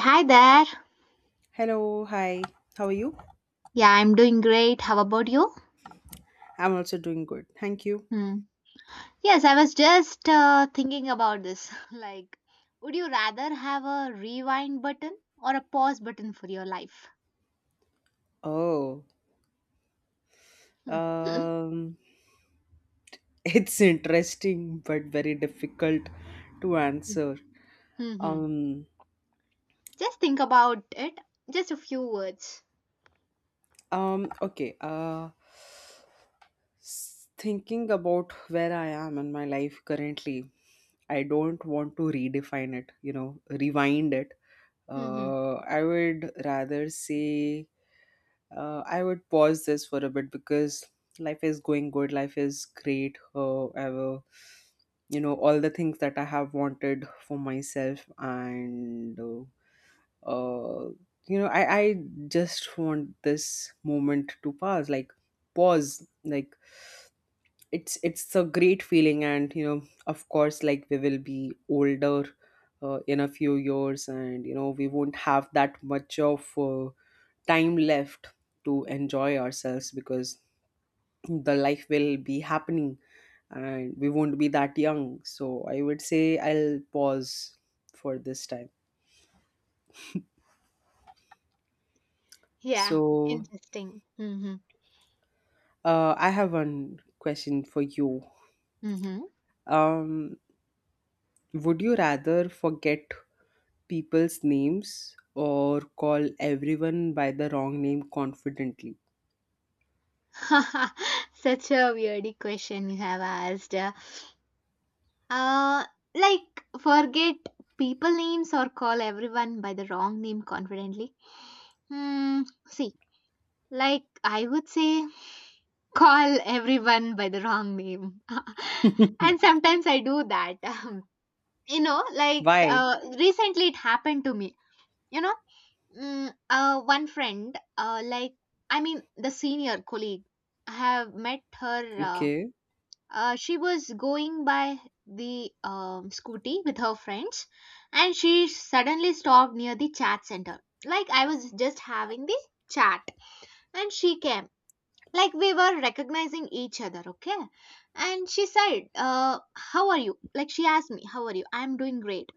Hi there. Hello, hi. How are you? Yeah, I'm doing great. How about you? I'm also doing good. Thank you. Hmm. Yes, I was just thinking about this. Like, would you rather have a rewind button or a pause button for your life? Oh, Hmm. um, it's interesting but very difficult to answer. Hmm. Um, Just think about it. Just a few words. okay. Thinking about where I am in my life currently, I don't want to redefine it. You know, rewind it. Hmm. I would rather say I would pause this for a bit because life is going good. Life is great. I will, you know, all the things that I have wanted for myself, and uh, I just want this moment to pass. Like pause. Like it's a great feeling, and you know, of course, like we will be older. In a few years, and you know we won't have that much of time left to enjoy ourselves because the life will be happening and we won't be that young. So I would say I'll pause for this time. Yeah, So interesting. Hmm. I have one question for you. Hmm. Um, would you rather forget people's names or call everyone by the wrong name confidently? Such a weird question you have asked. Uh, like, forget people names or call everyone by the wrong name confidently. Hmm, see, like I would say, call everyone by the wrong name. And sometimes I do that. you know, like Why? uh, recently it happened to me. You know, one friend, like, I mean, the senior colleague, I have met her. Okay. She was going by the scooty with her friends, and she suddenly stopped near the chat center. Like, I was just having the chat, and she came, like, we were recognizing each other. Okay. And she said, how are you? Like, she asked me, how are you? I'm doing great.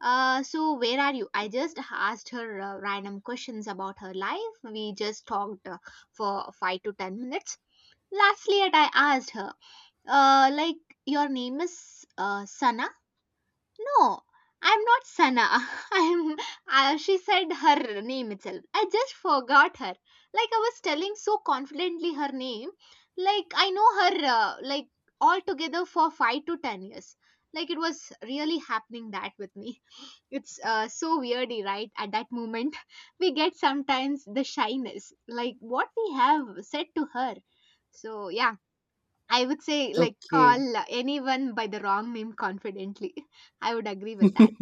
So, where are you? I just asked her random questions about her life. We just talked for 5 to 10 minutes. Lastly, I asked her, like, your name is, Sana? No, I'm not Sana. I'm. She said her name itself. I just forgot her. Like I was telling so confidently her name. Like I know her. Like, altogether for 5 to 10 years. Like it was really happening that with me. It's so weirdy, right? At that moment, we get sometimes the shyness, like what we have said to her. So yeah, I would say, like, Okay. call anyone by the wrong name confidently. I would agree with that.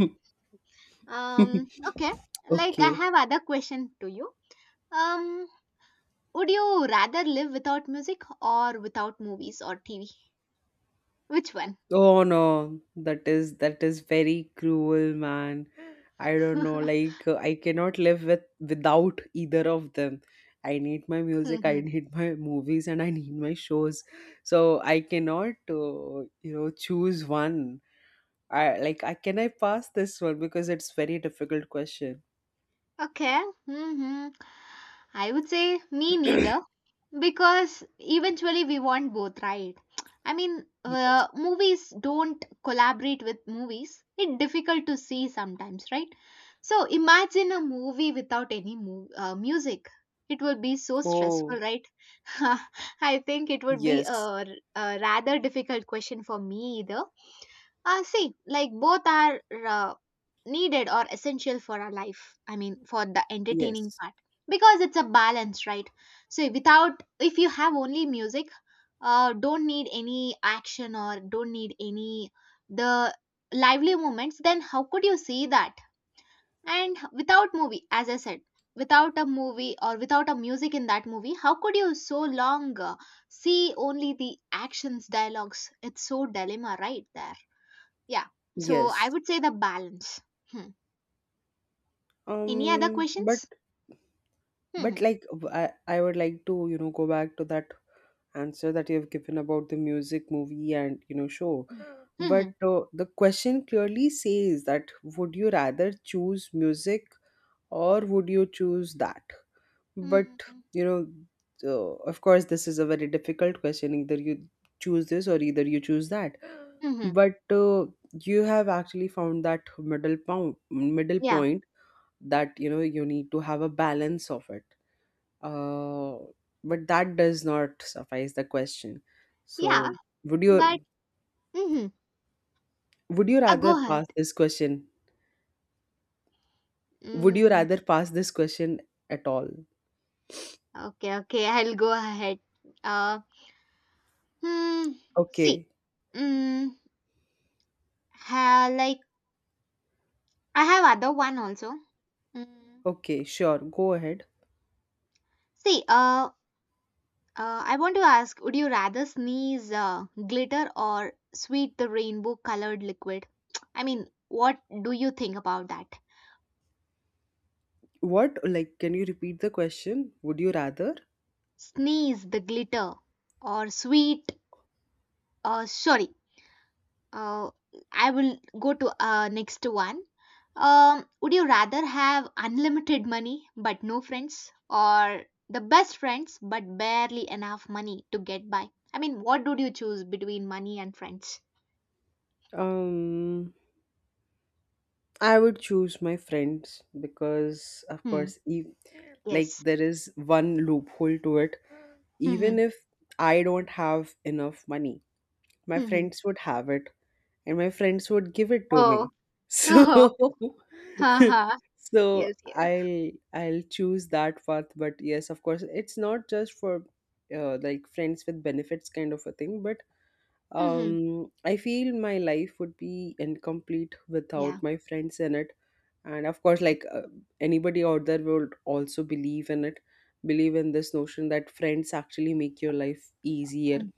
Okay. Like, I okay. have other question to you. Um, would you rather live without music or without movies or TV? Which one? Oh no, that is very cruel, man. I don't know, like I cannot live with without either of them. I need my music, I hmm need my movies, and I need my shows. So I cannot, choose one. I like I can I pass this one because it's very difficult question. Okay. I would say me neither, because eventually we want both, right? I mean, Ye- movies don't collaborate with movies. It's difficult to see sometimes, right? So imagine a movie without any music. It would be so stressful, Oh, right? I think it would be yes, a rather difficult question for me either. See, like, both are uh, needed or essential for our life. I mean, for the entertaining yes, part, because it's a balance, right? So without, if you have only music, don't need any action or don't need any the lively moments, then how could you see that? And without movie, as I said, without a movie or without a music in that movie, how could you so long see only the actions, dialogues? It's so dilemma right there. Yeah. So I yes. would say the balance. Hmm. Any other Um, but questions? but Hmm. like w- I I would like to, you know, go back to that answer that you have given about the music, movie, and show. Hmm. But the question clearly says that would you rather choose music or would you choose that? But Hmm. you know, of course, this is a very difficult question. Either you choose this or either you choose that. Hmm. But you have actually found that middle point, middle Yeah. point that you need to have a balance of it. Uh, but that does not suffice the question. Yeah. So would you But. Hmm. would you rather Go ahead. pass this question? Would you Mm, rather pass this question at all? okay. Okay. I'll go ahead. Uh. Hmm. See. Okay. Mm, like, I have other one also. Mm. Okay, sure. Go ahead. See. I want to ask, would you rather sneeze glitter or sweet the rainbow colored liquid? I mean, what do you think about that? What, like, can you repeat the question? Would you rather? Sneeze the glitter or sweet. Sorry. Uh, I will go to next one. Would you rather have unlimited money but no friends, or the best friends but barely enough money to get by? I mean, what would you choose between money and friends? Um, I would choose my friends because, of Hmm. course, if like Yes. there is one loophole to it, Hmm. even if I don't have enough money, my Hmm. friends would have it and my friends would give it to Oh. me Oh. so Ha ha. so Yes. Yes. I'll choose that path. But yes, of course, it's not just for like friends with benefits kind of a thing, but Hmm. I feel my life would be incomplete without Yeah. my friends in it. And of course, Yeah. like anybody out there would also believe in it, believe in this notion that friends actually make your life easier. Mm.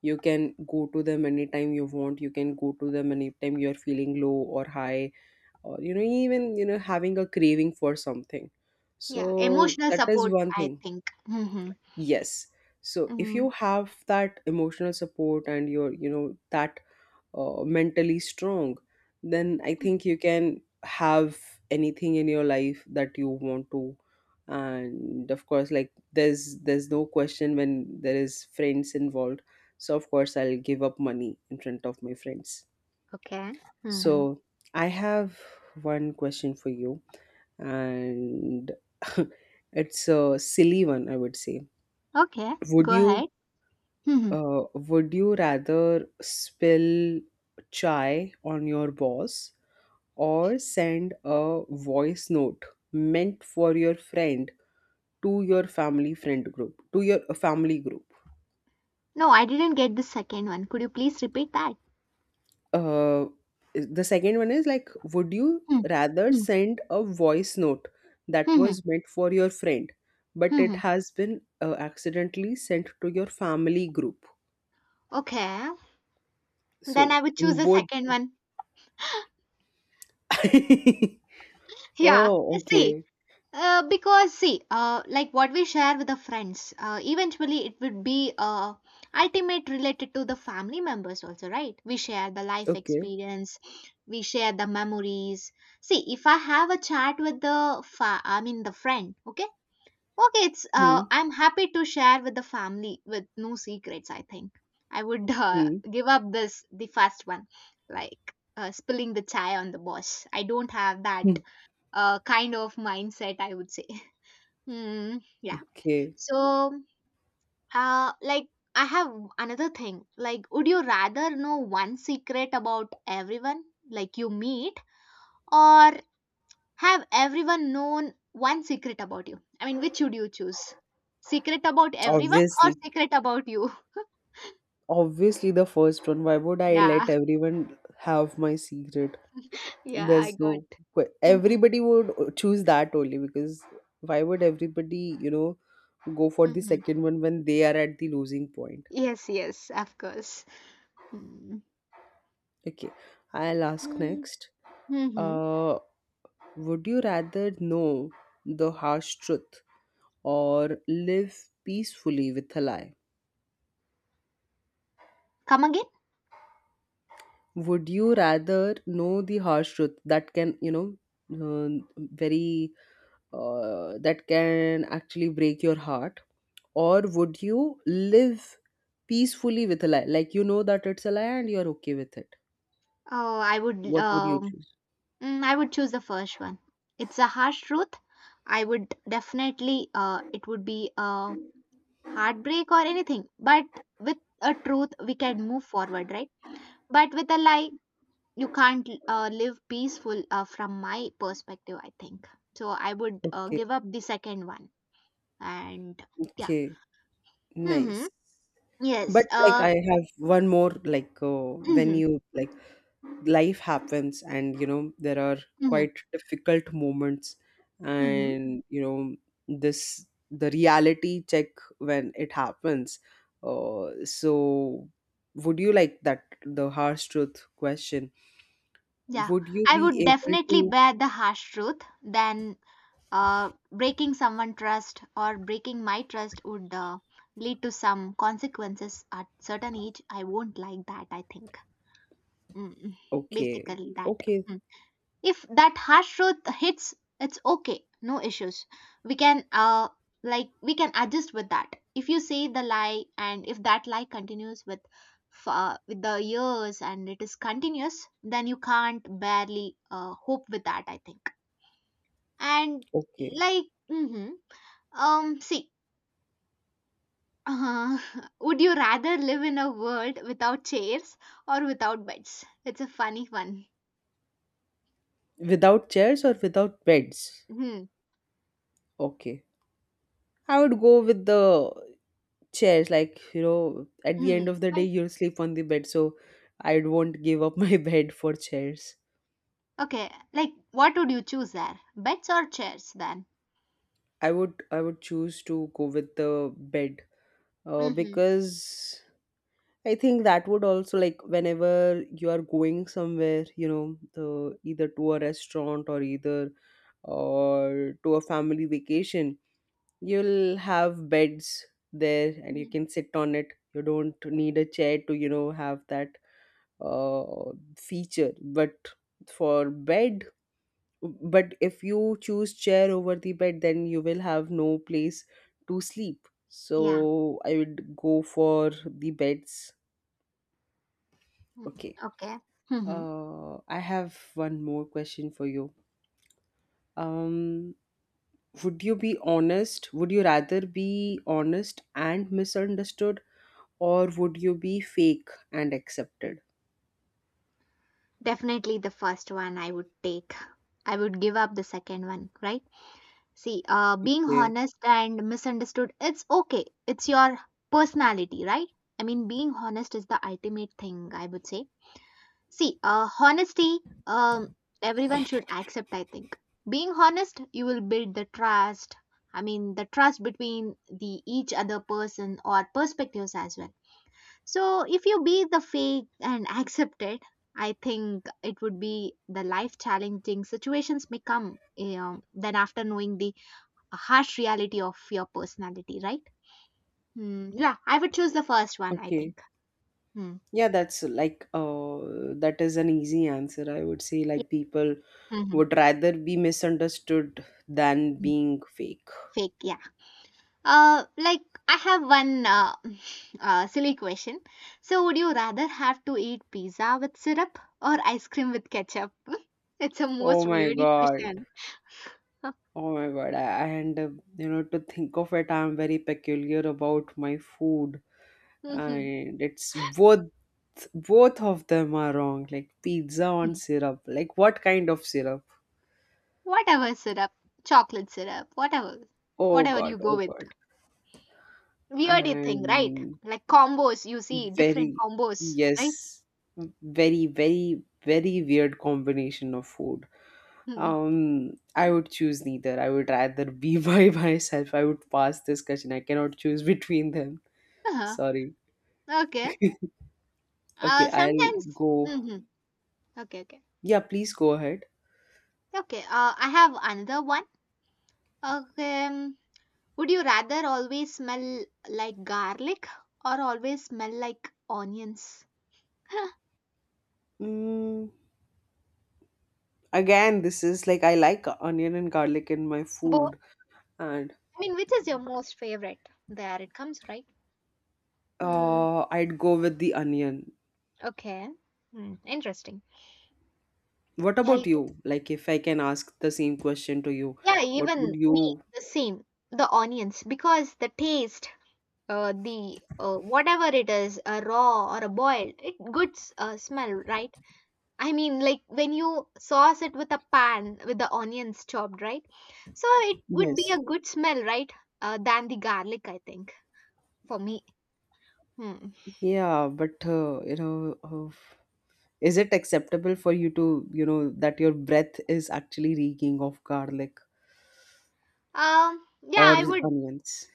You can go to them anytime you want, you can go to them anytime you're feeling low or high, or even having a craving for something. Yeah. So Emotional that is support, one I thing. think. Hmm. Yes, so if Hmm. you have that emotional support and your you know that mentally strong, then I think you can have anything in your life that you want to. And of course, like there's no question when there is friends involved. So of course I'll give up money in front of my friends. Okay. Hmm. So I have one question for you, and it's a silly one, I would say. Okay. would Go you ahead. Hmm. uh, would you rather spill chai on your boss or send a voice note meant for your friend to your family friend group, to your family group? No, I didn't get the second one. Could you please repeat that? Uh, the second one is, like, would you Hmm, rather hmm, send a voice note that hmm, hmm, was meant for your friend but hmm, it hmm. has been accidentally sent to your family group. Okay, then So I would choose in the both. second one. Yeah, Oh, see, okay, because, see, like, what we share with the friends, eventually it would be ultimate related to the family members also, right? We share the life okay. experience, we share the memories. See, if I have a chat with I mean the friend, okay. Okay, it's Hmm, I'm happy to share with the family with no secrets. I think I would hmm. give up this the first one, like spilling the chai on the boss. I don't have that Hmm. Kind of mindset. I would say. Hmm. Yeah. Okay. So, like, I have another thing. Like, would you rather know one secret about everyone like you meet, or have everyone known one secret about you? I mean, which should you choose? Secret about everyone or obviously secret about you? Obviously, the first one. Why would I Yeah, let everyone have my secret? yeah, I There's got. no Mm-hmm. everybody would choose that only because why would everybody, you know, go for the Mm-hmm. second one when they are at the losing point? Yes, yes, of course. Okay, I'll ask Mm-hmm. next. Uh, would you rather know the harsh truth or live peacefully with a lie? Come again? Would you rather know the harsh truth uh, very that can actually break your heart, or would you live peacefully with a lie, like you know that it's a lie and you're okay with it? Oh, I would. What would you choose? I would choose the first one. It's a harsh truth. I would definitely. It would be a heartbreak or anything. But with a truth, we can move forward, right? But with a lie, you can't live peaceful, from my perspective, I think. So I would Okay. give up the second one. And yeah. Okay. Hmm. Nice. Yes. But, like, I have one more, like when Hmm. you, like, life happens and there are Hmm. quite difficult moments, Hmm. and this the reality check when it happens. So would you, like that the harsh truth question, Yeah, would you I would be able definitely to? bear the harsh truth then. Breaking someone trust or breaking my trust would lead to some consequences at certain age, I won't like that, I think. Mm. Okay. Basically that, Okay. if that harsh truth hits, it's okay, no issues. We can uh like we can adjust with that. If you say the lie and if that lie continues with the years, and it is continuous, then you can't barely hope with that, I think. And Okay. like. Hmm. See, uh, would you rather live in a world without chairs or without beds? It's a funny one. Without chairs or without beds? Hmm. Okay, I would go with the chairs. Like, you know, at the end Hmm. of the day Why? you'll sleep on the bed, so I won't give up my bed for chairs. Okay, like, what would you choose there? Beds or chairs then? I would choose to go with the bed uh, Mm-hmm. because I think that would also, like whenever you are going somewhere, you know the either to a restaurant or either or to a family vacation, you'll have beds there and you Hmm. can sit on it. You don't need a chair to have that feature. But for bed, but if you choose chair over the bed, then you will have no place to sleep, Yeah. so I would go for the beds. Mm, Okay. okay. Hmm. I have one more question for you. Um would you be honest would you rather be honest and misunderstood, or would you be fake and accepted? Definitely the first one I would take. I would give up the second one, right? See, being Okay. honest and misunderstood, it's okay. It's your personality, right? I mean, being honest is the ultimate thing, I would say. See, honesty, um, everyone should accept, I think. Being honest, you will build the trust. I mean, the trust between the each other person or perspectives as well. So, if you be the fake and accept it, I think it would be the life challenging situations may come, then after knowing the harsh reality of your personality, right? Hmm, yeah, I would choose the first one, I Okay. think. Hmm. Yeah, that's like that is an easy answer. I would say, Yeah. like, people Mhm. would rather be misunderstood than Mm. being fake. Fake, yeah. Like, I have one silly question. So, would you rather have to eat pizza with syrup or ice cream with ketchup? It's a Oh most my weird god. question. Oh my god. And to think of it, I'm very peculiar about my food, Mhm. and it's both of them are wrong. Like pizza on syrup. Like what kind of syrup? Whatever syrup, chocolate syrup, whatever, Oh whatever you god. go Oh with. god. Weird thing, right? And Like combos, you see different very, combos, right? yes, very, very, very weird combination of food. Mhm. I would choose neither. I would rather be by myself. I would pass this question. I cannot choose between them. Uh-huh. Sorry. Okay. Okay, I'll Sometimes. go. Hmm. Okay, okay, Yeah, please go ahead. okay. I have another one. Okay. Would you rather always smell like garlic or always smell like onions? Mm, again, this is like I like onion and garlic in my Both. food, and I mean, which is your most favorite? There it comes, right? Hmm. I'd go with the onion. Okay. Hmm. Interesting. What Yeah. about You can, you? Like, if I can ask the same question to you, yeah. what Even would me, you? the same. The onions, because the taste, the whatever it is, a raw or a boiled, it good smell, right? I mean, like when you sauce it with a pan with the onions chopped, right? So it would be a Yes. good smell, right? Than the garlic, I think, for me. Hmm. Yeah, but you know, is it acceptable for you to, that your breath is actually reeking of garlic Yeah, or I would. onions?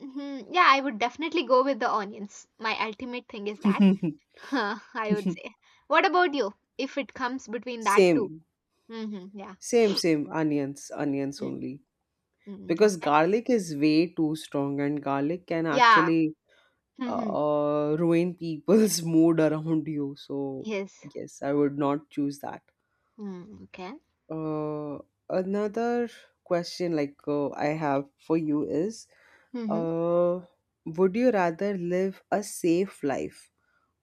Mhm, yeah, I would definitely go with the onions. My ultimate thing is that. I would say. What about you? If it comes between that two. Same, Mm-hmm, yeah. same, same. Onions, onions Mm-hmm, only. mm-hmm, Because okay. garlic is way too strong, and garlic can Yeah. actually Mm-hmm, ruin people's mood around you. So, yes. yes, I would not choose that. Mm, okay. Uh, another question, like I have for you, is Mm-hmm. uh, would you rather live a safe life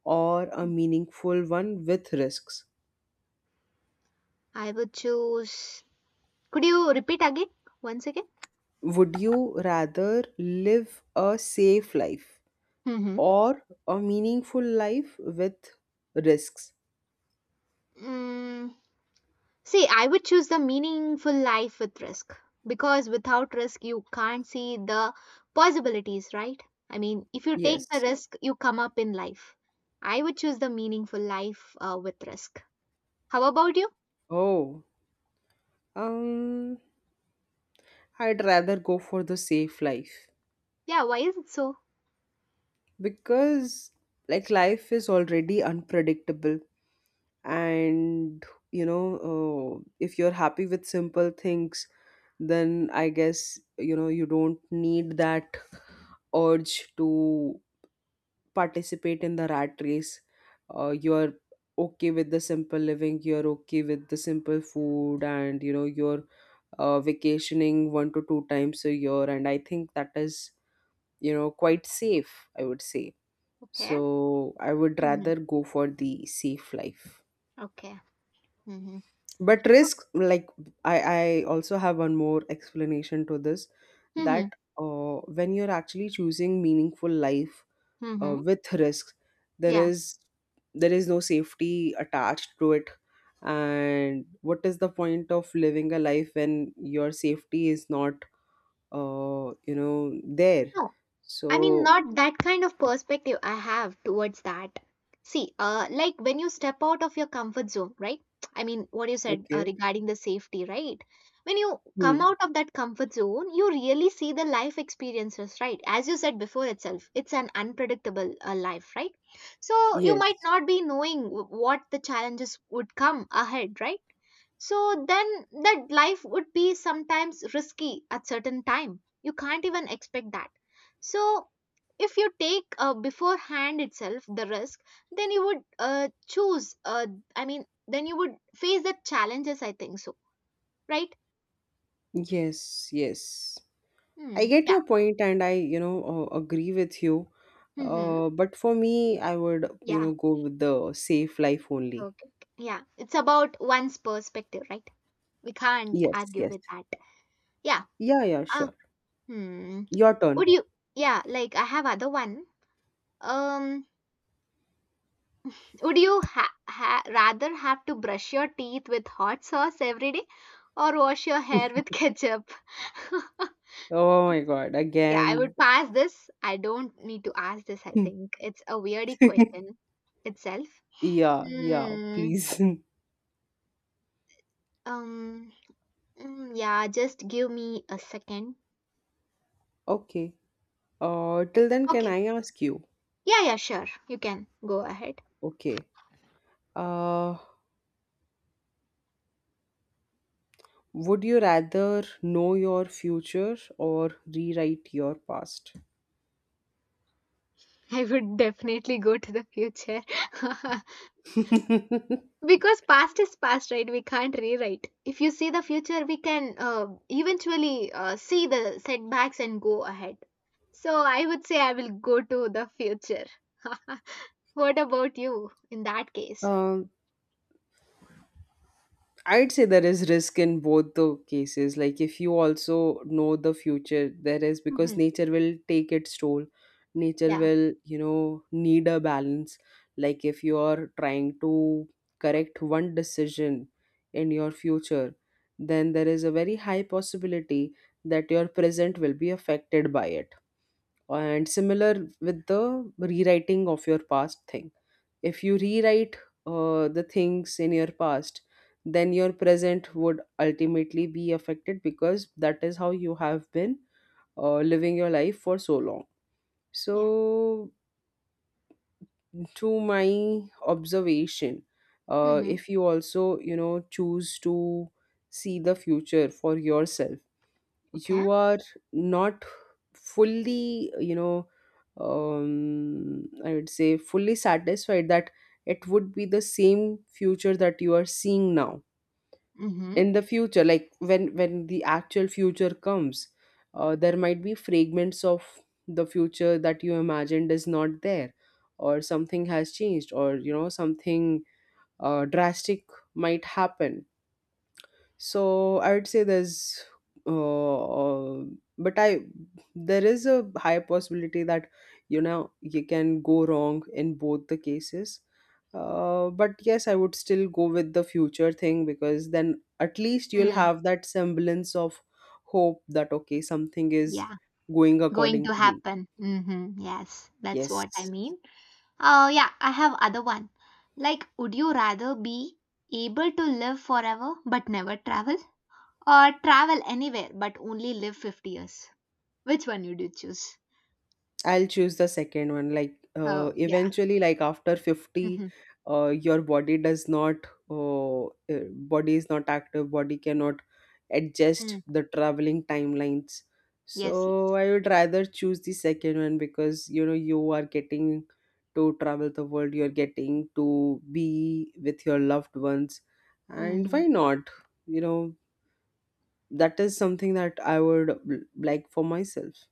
or a meaningful one with risks? I would choose. Could you repeat again? Once again? Would you rather live a safe life Mm-hmm. or a meaningful life with risks? Mm, See, I would choose the meaningful life with risk, because without risk, you can't see the possibilities, right? I mean, if you take the Yes. risk, you come up in life. I would choose the meaningful life with risk. How about you? Oh, um, I'd rather go for the safe life. Yeah, why is it so? Because like life is already unpredictable, and you know if you're happy with simple things, then I guess, you don't need that urge to participate in the rat race. You're okay with the simple living, you're okay with the simple food, and you're vacationing one to two times a year, and I think that is, quite safe, I would say. Okay. So I would Hmm. rather go for the safe life. Okay. Hmm. But risk, like, I also have one more explanation to this, Hmm. that when you're actually choosing meaningful life Hmm. with risk, there Yeah. is there is no safety attached to it, and what is the point of living a life when your safety is not there. No, I mean, So, not that kind of perspective I have towards that. See, like, when you step out of your comfort zone, right? I mean, what you said okay. regarding the safety, right? When you come Hmm. out of that comfort zone, you really see the life experiences, right? As you said before itself, it's an unpredictable life, right? So you might Yes, not be knowing what the challenges would come ahead, right? So then that life would be sometimes risky at certain time. You can't even expect that. So if you take beforehand itself the risk, then you would choose. I mean, then you would face the challenges. I think so, right? yes, yes. I Hmm. get Yeah. your point, and I, agree with you. Hmm. But for me, I would, Yeah. Go with the safe life only. Okay. Yeah. It's about one's perspective, right? We can't Yes, argue yes. with that. Yeah. Yeah, yeah, Ah. sure. Hmm. Your Would turn. you? Yeah. Like, I have other one. Um. Would you rather have to brush your teeth with hot sauce every day or wash your hair with ketchup? Oh my God, Yeah, I would again. pass this. I don't need to ask this, I think. It's a weirdy question itself. Yeah, yeah, Hmm. please. Um. Yeah, just give me a second. Okay. Till then, can Okay. I ask you? Yeah, yeah, sure. You can go ahead. Okay. Uh, would you rather know your future or rewrite your past? I would definitely go to the future. Because past is past, right? We can't rewrite. If you see the future, we can eventually see the setbacks and go ahead. So I would say I will go to the future. What about you in that case? Um, I'd say there is risk in both the cases. Like if you also know the future, there is, because Hmm. nature will take its toll. Nature Yeah. will, you know, need a balance. Like if you are trying to correct one decision in your future, then there is a very high possibility that your present will be affected by it. And similar with the rewriting of your past thing, if you rewrite the things in your past, then your present would ultimately be affected because that is how you have been living your life for so long. Yeah. So, to my observation, Hmm. if you also, you know, choose to see the future for yourself, Okay. you are not fully I would say fully satisfied that it would be the same future that you are seeing now Mm-hmm. in the future, like when the actual future comes. There might be fragments of the future that you imagined is not there, or something has changed, or you know something drastic might happen. So I would say there's, uh, but I there is a high possibility that, you know, you can go wrong in both the cases. But yes, I would still go with the future thing because then at least you'll Mm, have that semblance of hope that, okay, something is yeah, going going according to to me. happen. Mm-hmm. Yes, that's what I Yes. mean. Oh, yeah, I have other one. Like, would you rather be able to live forever but never travel? Or travel anywhere but only live 50 years. Which one would you choose? I'll choose the second one. Like, Oh, yeah. eventually, like after 50, Mm-hmm. Your body does not, uh, uh, body is not active, body cannot adjust Mm. the traveling timelines. Yes, So yes. I would rather choose the second one because, you know, you are getting to travel the world, you're getting to be with your loved ones. And Mm-hmm. why not? You know, that is something that I would like for myself.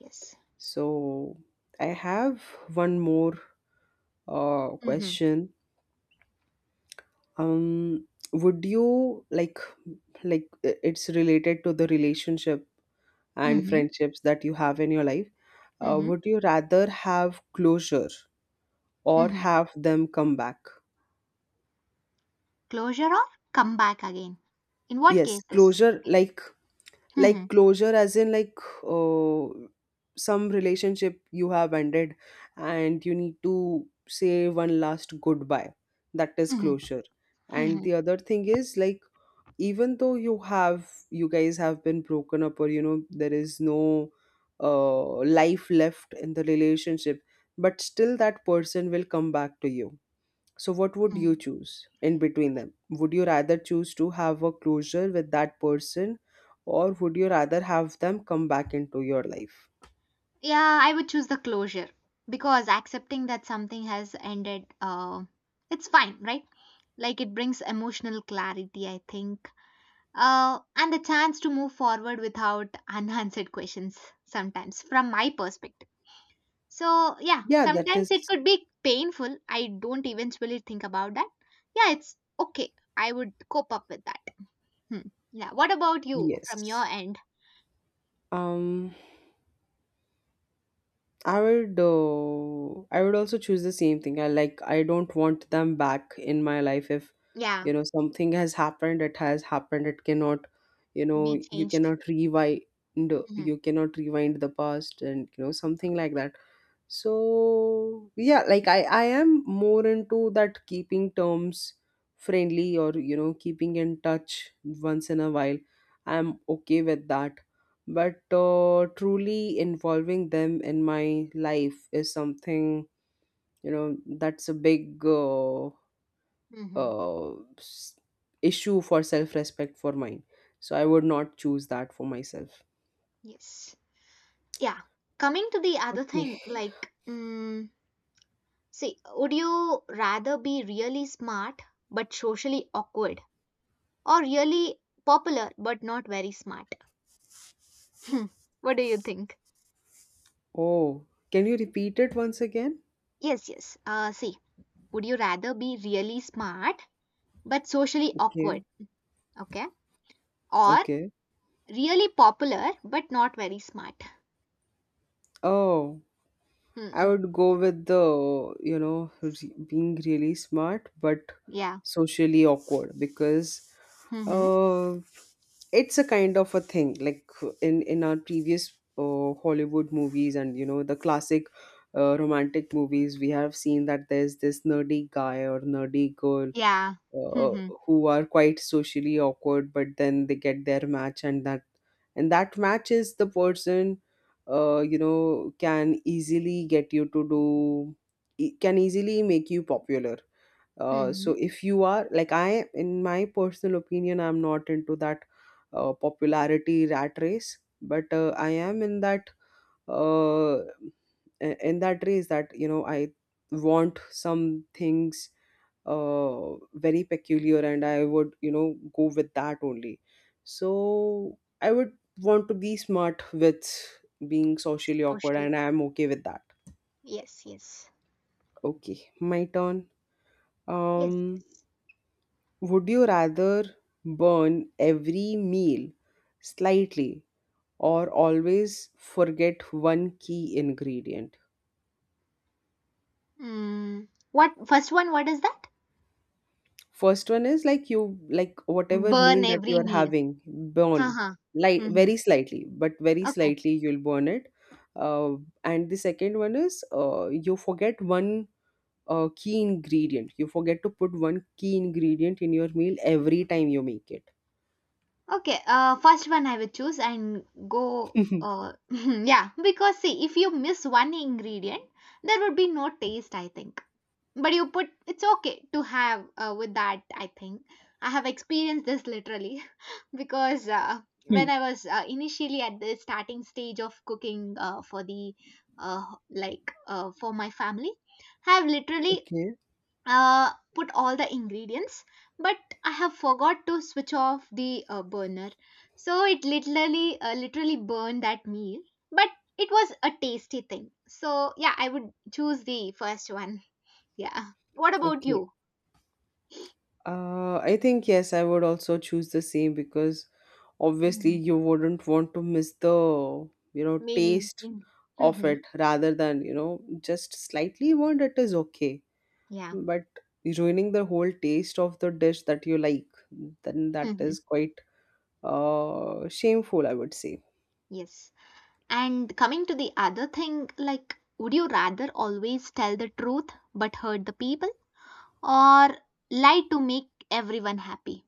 Yes. So I have one more Mm-hmm. question. Would you like it's related to the relationship and Mm-hmm. friendships that you have in your life? Mm-hmm. Would you rather have closure or Mm-hmm. have them come back? Closure or come back again? In what Yes, cases? closure, like. Mm-hmm. Like closure, as in like, uh, some relationship you have ended and you need to say one last goodbye. That is Mm-hmm. closure. And Mm-hmm. the other thing is like, even though you guys have been broken up, or you know there is no life left in the relationship, but still that person will come back to you. So, what would you Mm-hmm. choose in between them? Would you rather choose to have a closure with that person, or would you rather have them come back into your life? Yeah, I would choose the closure because accepting that something has ended, it's fine, right? Like it brings emotional clarity, I think, and the chance to move forward without unanswered questions sometimes from my perspective. So yeah, Yeah, that sometimes it is could be painful. I don't eventually think about that. Yeah, it's okay. I would cope up with that. Hmm. Yeah, what about you from your yes. end? Um, I would, I would also choose the same thing. I like, I don't want them back in my life. If Yeah, you know something has happened, it has happened. It cannot, you know, we you changed. cannot rewind. Hmm. You cannot rewind the past, and you know something like that. So yeah, like I am more into that, keeping terms friendly, or you know, keeping in touch once in a while. I'm okay with that. But truly involving them in my life is something, you know, that's a big Hmm. uh, s- issue for self-respect for mine. So I would not choose that for myself. Yes. Yeah, coming to the other Okay. thing like, mm, see, would you rather be really smart but socially awkward or really popular but not very smart. Hmm, what do you think? Oh, can you repeat it once again? Yes, yes. See, would you rather be really smart but socially Okay. awkward? Okay. Or Okay. really popular but not very smart? Oh. I Hmm. would go with the, you know, being really smart but Yeah. socially awkward because Mm-hmm. uh, it's a kind of a thing. Like, in our previous Hollywood movies, and you know, the classic romantic movies, we have seen that there's this nerdy guy or nerdy girl, Yeah. uh, Mm-hmm. who are quite socially awkward, but then they get their match, and that, and that match is the person you know can easily get you to do, can easily make you popular. So Mm-hmm. if you are like, I in my personal opinion, I'm not into that popularity rat race, but I am in that uh, in that race that, you know, I want some things very peculiar, and I would, you know, go with that only. So I would want to be smart with being socially awkward, Socially. and I am okay with that. Yes, yes. Okay, my turn. um Yes, yes. Would you rather burn every meal slightly, or always forget one key ingredient? Mm. What, first one, what is that? First one is like, you like whatever meal Burn that you every are meal. having, burn Uh-huh. light Mm-hmm. very slightly, but very Okay. slightly you'll burn it. Uh, and the second one is, you forget one key ingredient. You forget to put one key ingredient in your meal every time you make it. Okay, first one I will choose and go. Yeah, because see, if you miss one ingredient, there would be no taste, I think. But you put it's okay to have with that, I think. I have experienced this literally because when Hmm. I was initially at the starting stage of cooking for the for my family, I have literally Okay. Put all the ingredients, but I have forgot to switch off the burner. So it literally burned that meal, but it was a tasty thing. So yeah, I would choose the first one. Yeah, what about Okay. you? I think yes, I would also choose the same because obviously Mhm. you wouldn't want to miss the, you know, Meaning taste in. of Hmm. it, rather than, you know, just slightly burnt, it is okay. Yeah. But ruining the whole taste of the dish that you like, then that Hmm. is quite shameful, I would say. Yes. And coming to the other thing, like would you rather always tell the truth but hurt the people or lie to make everyone happy?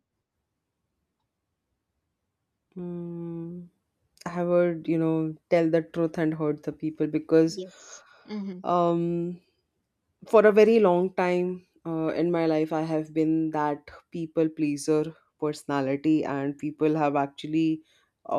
Mm, I would, you know, tell the truth and hurt the people because Yes. Mm-hmm. um for a very long time in my life, I have been that people pleaser personality, and people have actually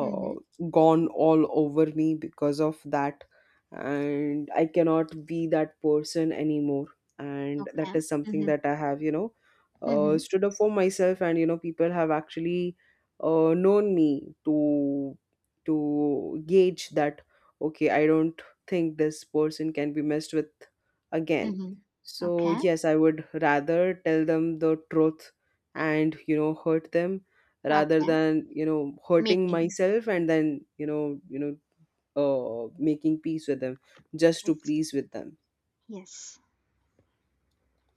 Mm-hmm. gone all over me because of that. And I cannot be that person anymore. And that Okay. is something Mm-hmm. that I have, you know, Mm-hmm. stood up for myself. And, you know, people have actually known me to gauge that, okay, I don't think this person can be messed with again. Mm-hmm. So, Okay. yes, I would rather tell them the truth and, you know, hurt them, rather Okay. than, you know, hurting Making. myself, and then, you know, making peace with them just to Yes. please with them. Yes.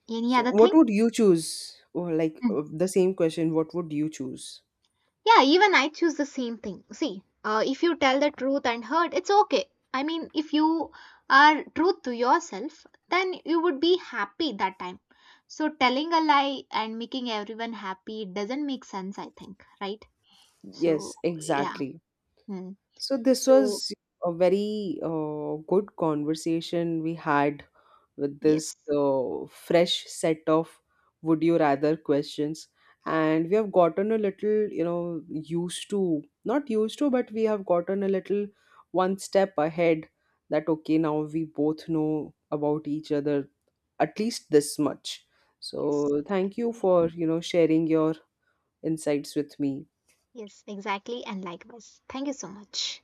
Any So, other thing? what would you choose? Or like Mm. The same question, what would you choose? Yeah, even I choose the same thing. See, if you tell the truth and hurt, it's okay. I mean, if you are truth to yourself, then you would be happy that time. So telling a lie and making everyone happy it doesn't make sense, I think, right? So Yes, yeah. exactly. Hmm. So this So was a very good conversation we had with this yes, fresh set of would you rather questions, and we have gotten a little, you know, used to, not used to, but we have gotten a little one step ahead, that okay, now we both know about each other at least this much. yes. So thank you for, you know, sharing your insights with me Yes, exactly. And likewise. Thank you so much.